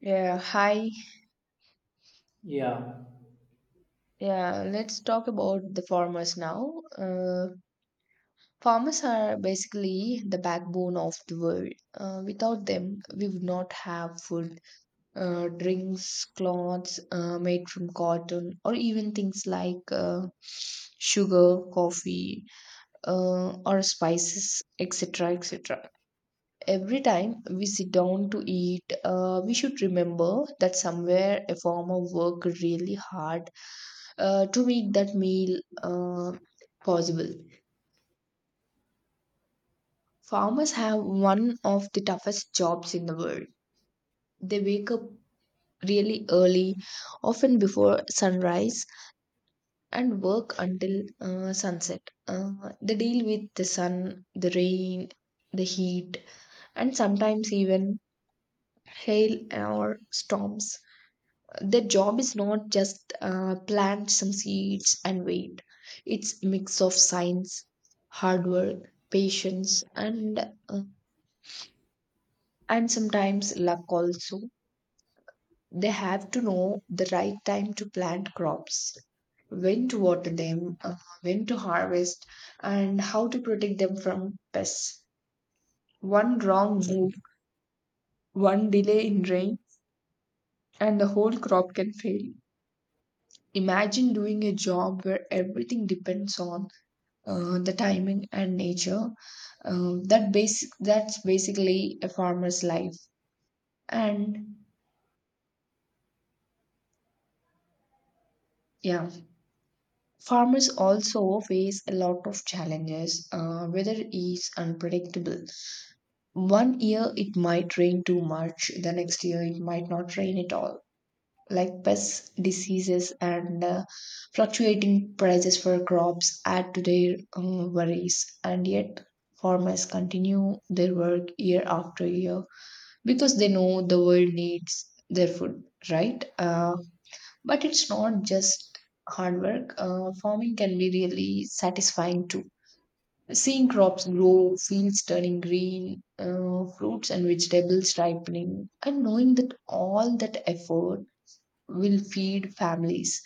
Yeah, hi. Yeah, Yeah, let's talk about the farmers now. Farmers are basically the backbone of the world. Without them, we would not have food, drinks, clothes made from cotton, or even things like sugar, coffee, or spices, etc., etc. Every time we sit down to eat, we should remember that somewhere a farmer worked really hard to make that meal possible. Farmers have one of the toughest jobs in the world. They wake up really early, often before sunrise, and work until sunset. They deal with the sun, the rain, the heat, and sometimes even hail or storms. Their job is not just plant some seeds and wait. It's mix of science, hard work, patience, uh, and sometimes luck also. They have to know the right time to plant crops, when to water them, when to harvest, and how to protect them from pests. One wrong move, one delay in rain, and the whole crop can fail. Imagine doing a job where everything depends on the timing and nature. That's basically a farmer's life. And yeah, farmers also face a lot of challenges. Weather is unpredictable. One year it might rain too much, the next year it might not rain at all. Like, pests, diseases, and fluctuating prices for crops add to their worries. And yet, farmers continue their work year after year because they know the world needs their food, right? But it's not just hard work. Farming can be really satisfying too. Seeing crops grow, fields turning green, fruits and vegetables ripening, and knowing that all that effort will feed families.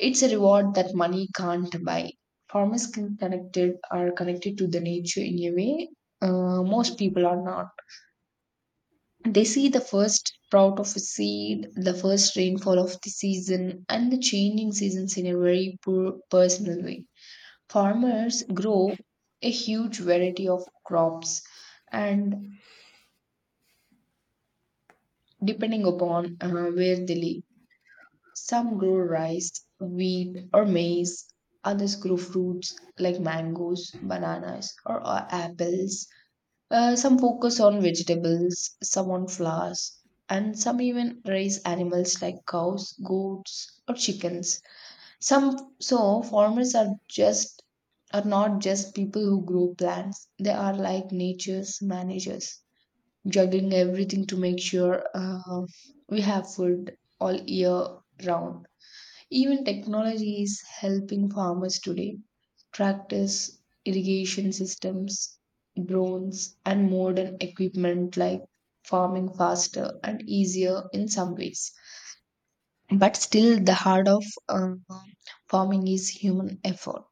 It's a reward that money can't buy. Farmers can connected are connected to the nature in a way most people are not. They see the first sprout of a seed, the first rainfall of the season, and the changing seasons in a very personal way. Farmers grow a huge variety of crops and depending upon where they live. Some grow rice, wheat, or maize. Others grow fruits like mangoes, bananas, or apples. Some focus on vegetables, some on flowers, and some even raise animals like cows, goats, or chickens. Some so farmers are not just people who grow plants. They are like nature's managers, juggling everything to make sure we have food all year round. Even technology is helping farmers today. Tractors, irrigation systems, drones, and modern equipment like farming faster and easier in some ways. But still, the heart of farming is human effort.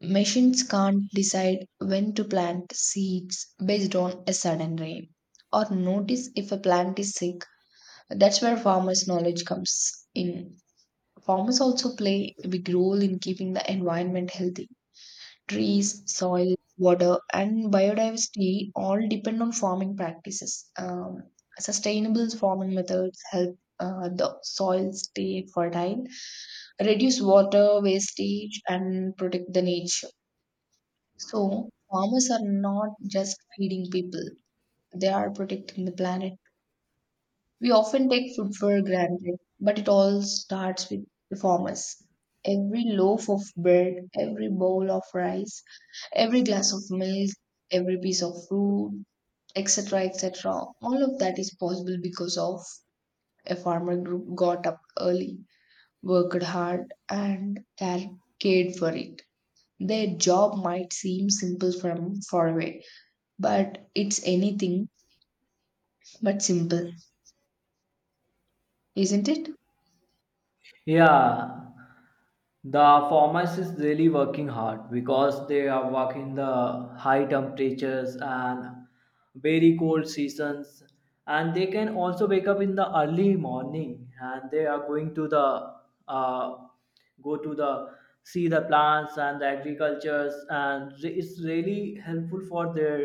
Machines can't decide when to plant seeds based on a sudden rain or notice if a plant is sick. That's where farmers' knowledge comes in. Farmers also play a big role in keeping the environment healthy. Trees, soil, water, and biodiversity all depend on farming practices. Sustainable farming methods help the soil stay fertile, reduce water wastage, and protect the nature. So, farmers are not just feeding people, they are protecting the planet. We often take food for granted, but it all starts with the farmers. Every loaf of bread, every bowl of rice, every glass of milk, every piece of fruit, etc., etc. All of that is possible because of a farmer group got up early, worked hard, and cared for it. Their job might seem simple from far away, but it's anything but simple, isn't it? yeah, the farmers is really working hard because they are working the high temperatures and very cold seasons, and they can also wake up in the early morning and they are going to the uh, go to the see the plants and the agricultures and it's really helpful for their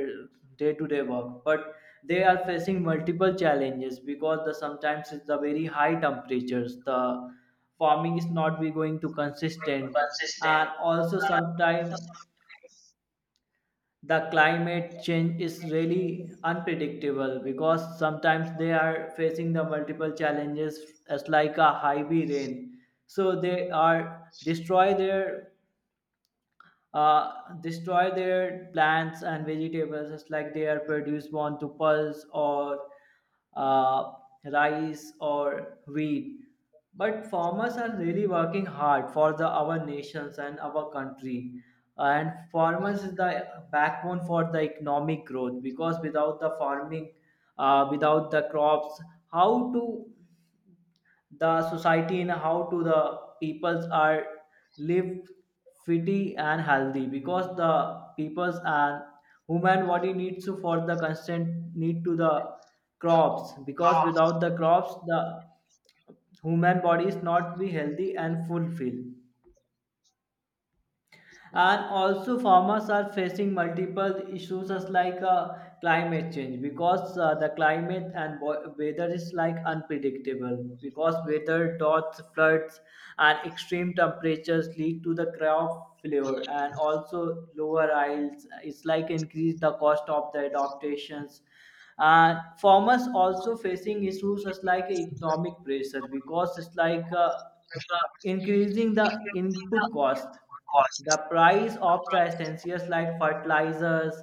day-to-day work, but they are facing multiple challenges because the sometimes it's the very high temperatures, the farming is not be going to consistent. And also sometimes the climate change is really unpredictable because sometimes they are facing the multiple challenges as like a heavy rain, so they are destroy their uh, destroy their plants and vegetables just like they are produced on to pulse or uh, rice or wheat. But farmers are really working hard for the our nations and our country, and farmers is the backbone for the economic growth because without the farming, without the crops, how to the society and how to the peoples are live fitty and healthy? Because the peoples and human body needs to for the constant need to the crops, because without the crops the human body is not be healthy and fulfilled. And also farmers are facing multiple issues as like climate change because the climate and weather is like unpredictable, because weather, droughts, floods and extreme temperatures lead to the crop failure, and also lower yields. It's like increase the cost of the adaptations. And farmers also facing issues as like economic pressure because it's like increasing the input cost. The price of the essentials like fertilizers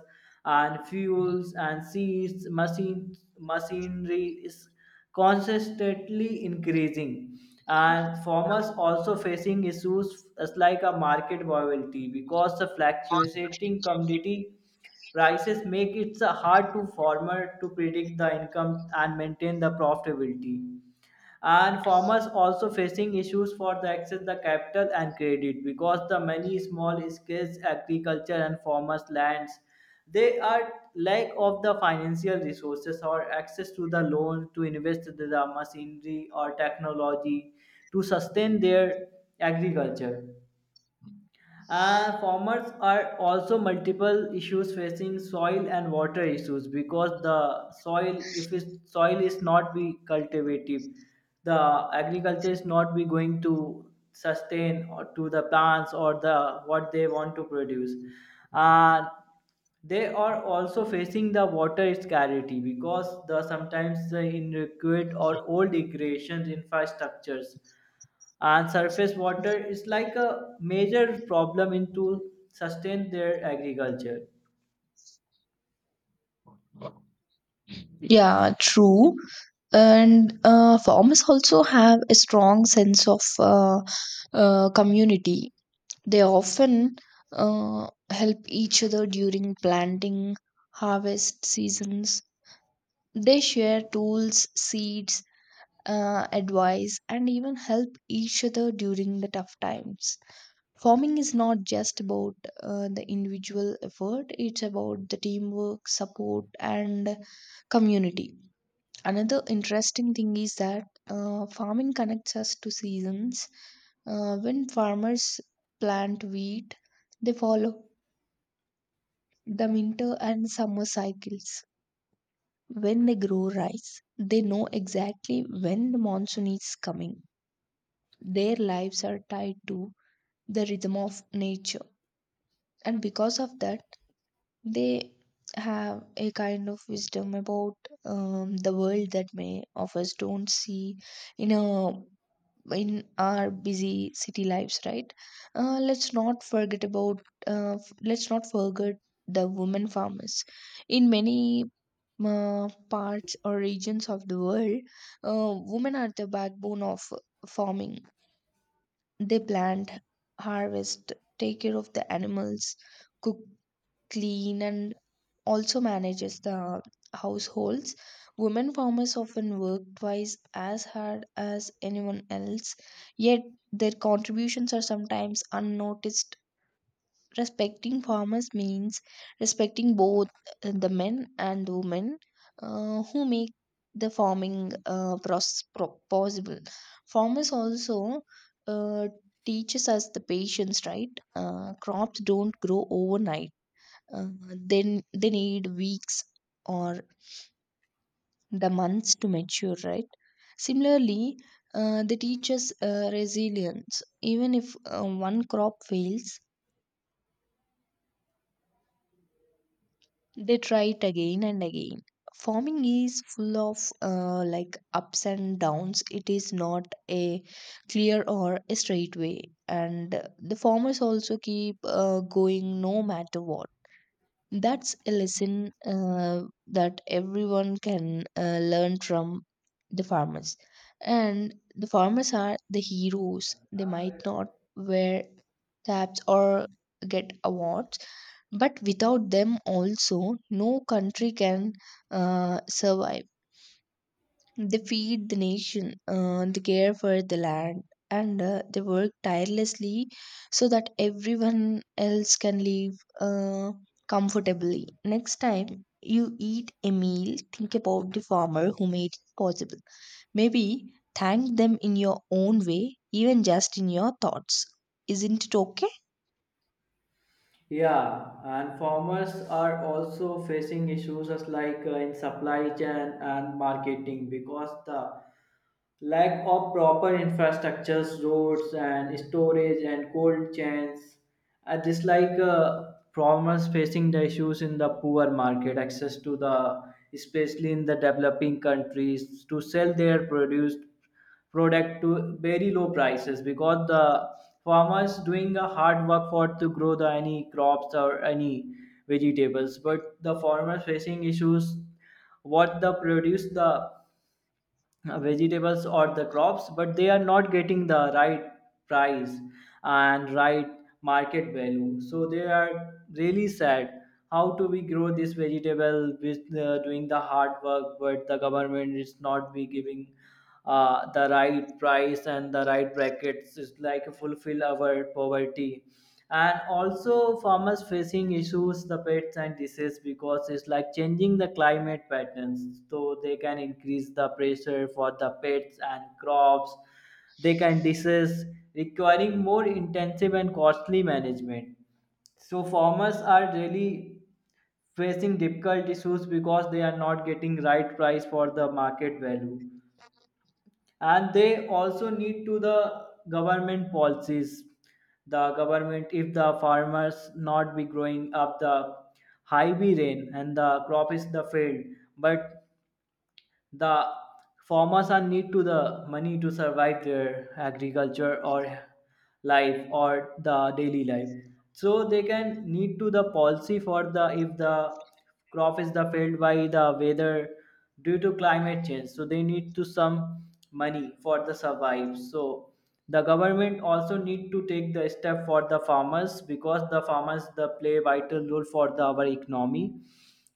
and fuels and seeds, machinery is consistently increasing. And farmers also facing issues as like a market volatility because the fluctuating commodity prices make it hard to farmer to predict the income and maintain the profitability. And farmers also facing issues for the access the capital and credit because the many small scale agriculture and farmers lands they are lack of the financial resources or access to the loan to invest the machinery or technology to sustain their agriculture. Farmers are also multiple issues facing soil and water issues because the soil, if is soil is not be cultivative, the agriculture is not be going to sustain or to the plants or the what they want to produce. Uh, they are also facing the water scarcity because the sometimes the inadequate or old irrigation infrastructures and surface water is like a major problem in to sustain their agriculture. Yeah, true. And farmers also have a strong sense of community. They often help each other during planting, harvest seasons. They share tools, seeds, advice, and even help each other during the tough times. Farming is not just about the individual effort. It's about the teamwork, support, and community. Another interesting thing is that farming connects us to seasons. When farmers plant wheat, they follow the winter and summer cycles. When they grow rice, they know exactly when the monsoon is coming. Their lives are tied to the rhythm of nature, and because of that, they have a kind of wisdom about the world that may of us don't see in a in our busy city lives, right? Uh, let's not forget about uh, f- let's not forget the women farmers in many parts or regions of the world. Women are the backbone of farming. They plant, harvest, take care of the animals, cook, clean, and also manages the households. Women farmers often work twice as hard as anyone else, yet their contributions are sometimes unnoticed. Respecting farmers means respecting both the men and women who make the farming process possible. Farmers also uh, teaches us the patience, right? Crops don't grow overnight. Then they need weeks or the months to mature, right? Similarly, they teach us resilience, even if one crop fails, they try it again and again. Farming is full of like ups and downs. It is not a clear or a straight way. And the farmers also keep going no matter what. That's a lesson that everyone can learn from the farmers. And the farmers are the heroes. They might not wear caps or get awards, but without them, also, no country can survive. They feed the nation, they care for the land, and they work tirelessly so that everyone else can live uh, comfortably. Next time you eat a meal, think about the farmer who made it possible. Maybe thank them in your own way, even just in your thoughts. Isn't it okay? Yeah, and farmers are also facing issues as like in supply chain and marketing because the lack of proper infrastructures, roads, and storage and cold chains. Just like farmers facing the issues in the poor market, access to the, especially in the developing countries, to sell their produced product to very low prices because the farmers doing a hard work for to grow the any crops or any vegetables. But the farmers facing issues what the produce the vegetables or the crops, but they are not getting the right price and right market value, so they are really sad. How do we grow this vegetable with doing the hard work, but the government is not be giving the right price and the right brackets is like fulfill our poverty. And also farmers facing issues the pests and disease because it's like changing the climate patterns, so they can increase the pressure for the pests and crops they can disease, requiring more intensive and costly management. So farmers are really facing difficult issues because they are not getting right price for the market value, and they also need to the government policies. The government, if the farmers not be growing up the high be rain and the crop is the failed, but the farmers are need to the money to survive their agriculture or life or the daily life. So they can need to the policy for the, if the crop is the failed by the weather due to climate change, so they need to some money for the survive. So the government also need to take the step for the farmers because the farmers the play vital role for the, our economy.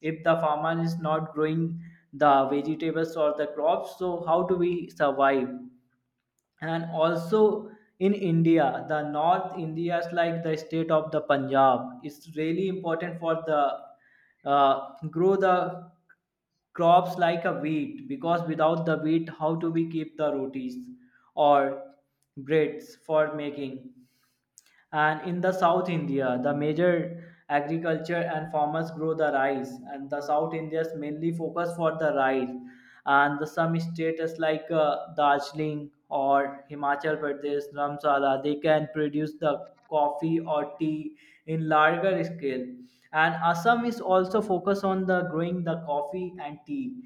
If the farmer is not growing the vegetables or the crops, so how do we survive? And also in India, the north India is like the state of the Punjab, it's really important for the grow the crops like a wheat, because without the wheat how do we keep the rotis or breads for making. And in the South India, the major agriculture and farmers grow the rice, and the South Indians mainly focus for the rice. And the some states like Darjeeling or Himachal Pradesh, Ramsala, they can produce the coffee or tea in larger scale. And Assam is also focused on the growing the coffee and tea.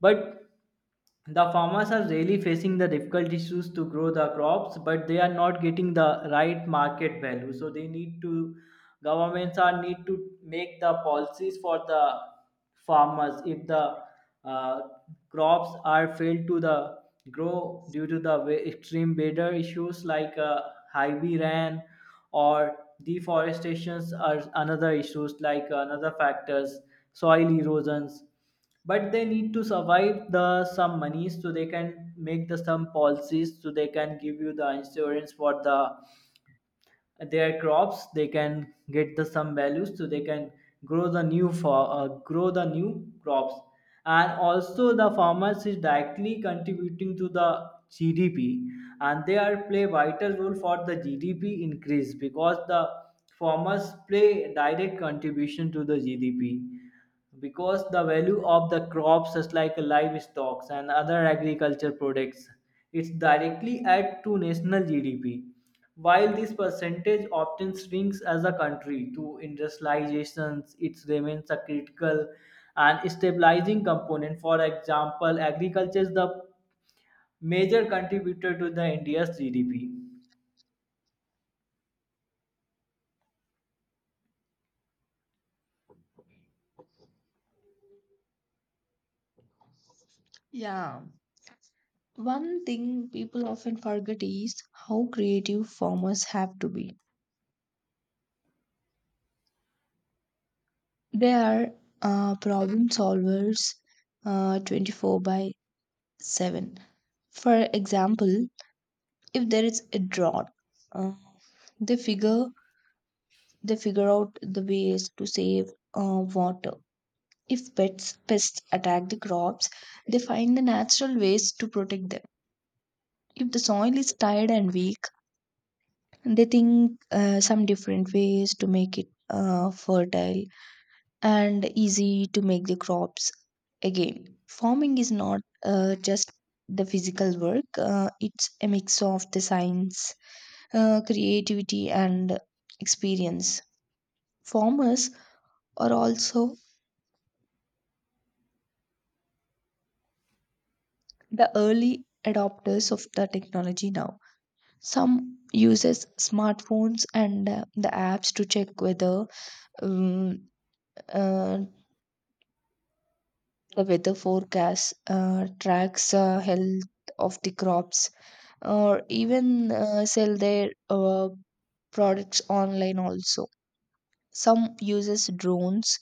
But the farmers are really facing the difficult issues to grow the crops, but they are not getting the right market value. So they need to governments are need to make the policies for the farmers. If the uh, crops are failed to the grow due to the extreme weather issues like heavy rain or deforestations are another issues like another factors, soil erosions. But they need to survive the some monies, so they can make the some policies, so they can give you the insurance for the their crops, they can get the some values, so they can grow the new for grow the new crops. And also the farmers is directly contributing to the GDP, and they are play vital role for the GDP increase because the farmers play direct contribution to the GDP because the value of the crops such like livestock and other agriculture products, it's directly add to national GDP. While this percentage often shrinks as a country to industrializations, it remains a critical and stabilizing component. For example, agriculture is the major contributor to the India's GDP. Yeah. One thing people often forget is how creative farmers have to be. They are problem solvers, 24 by 7. For example, if there is a drought, uh, they figure they figure out the ways to save water. If pests attack the crops, they find the natural ways to protect them. If the soil is tired and weak, they think some different ways to make it fertile. And easy to make the crops again. Farming is not just the physical work, it's a mix of the science, creativity, and experience. Farmers are also the early adopters of the technology now. Some uses smartphones and the apps to check weather, um, uh, the weather forecast, tracks health of the crops or even sell their products online also. Some uses drones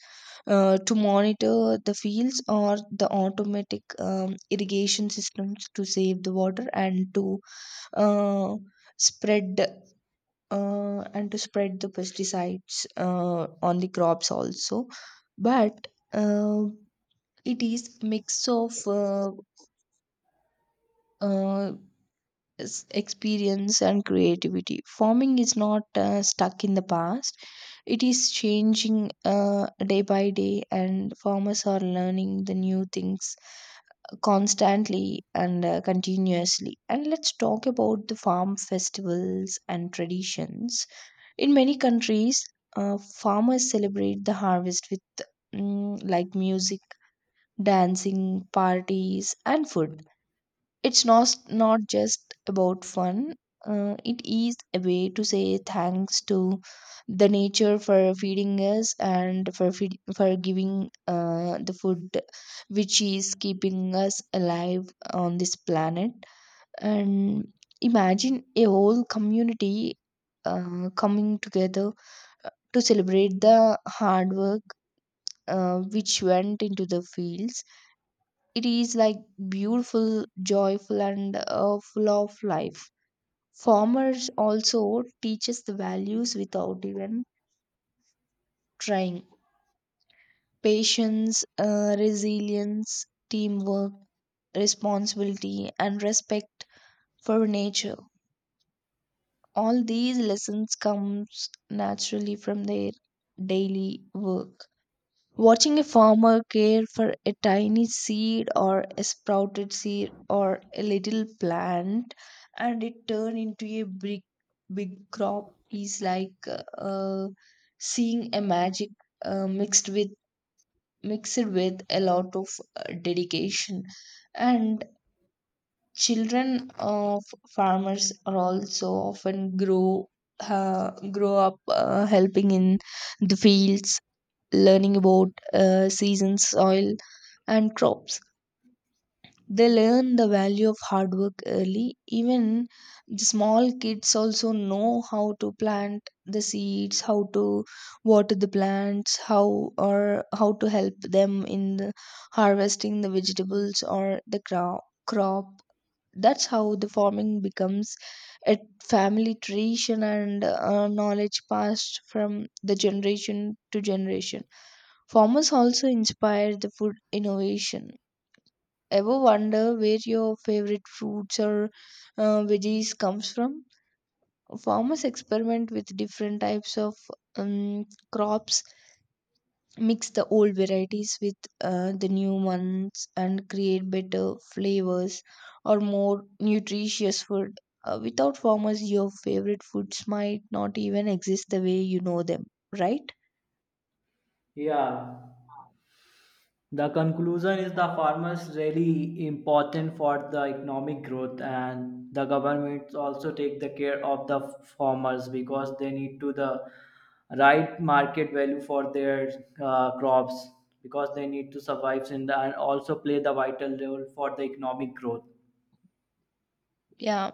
to monitor the fields or the automatic irrigation systems to save the water and uh, spread to spread the pesticides on the crops also. But it is mix of uh, experience and creativity. Farming is not stuck in the past, it is changing day by day, and farmers are learning the new things constantly and continuously. And let's talk about the farm festivals and traditions. In many countries, farmers celebrate the harvest with like music, dancing, parties, and food. It's not just about fun, it is a way to say thanks to the nature for feeding us and for giving the food which is keeping us alive on this planet. And imagine a whole community coming together to celebrate the hard work which went into the fields. It is like beautiful, joyful, and full of life. Farmers also teach us the values without even trying. Patience, resilience, teamwork, responsibility, and respect for nature. All these lessons comes naturally from their daily work. Watching a farmer care for a tiny seed or a sprouted seed or a little plant and it turn into a big crop is like uh, seeing a magic uh, mixed with mixed with a lot of dedication. And children of farmers are also often grow up helping in the fields, learning about seasons, soil, and crops. They learn the value of hard work early. Even the small kids also know how to plant the seeds, how to water the plants, how to help them in the harvesting the vegetables or the crop. That's how the farming becomes a family tradition and knowledge passed from the generation to generation. Farmers also inspire the food innovation. Ever wonder where your favorite fruits or veggies comes from? Farmers experiment with different types of um, crops, mix the old varieties with the new ones and create better flavors or more nutritious food. Without farmers, your favorite foods might not even exist the way you know them, right? Yeah, the conclusion is the farmers really important for the economic growth, and the governments also take the care of the farmers because they need to the right market value for their crops because they need to survive in the, and also play the vital role for the economic growth. Yeah,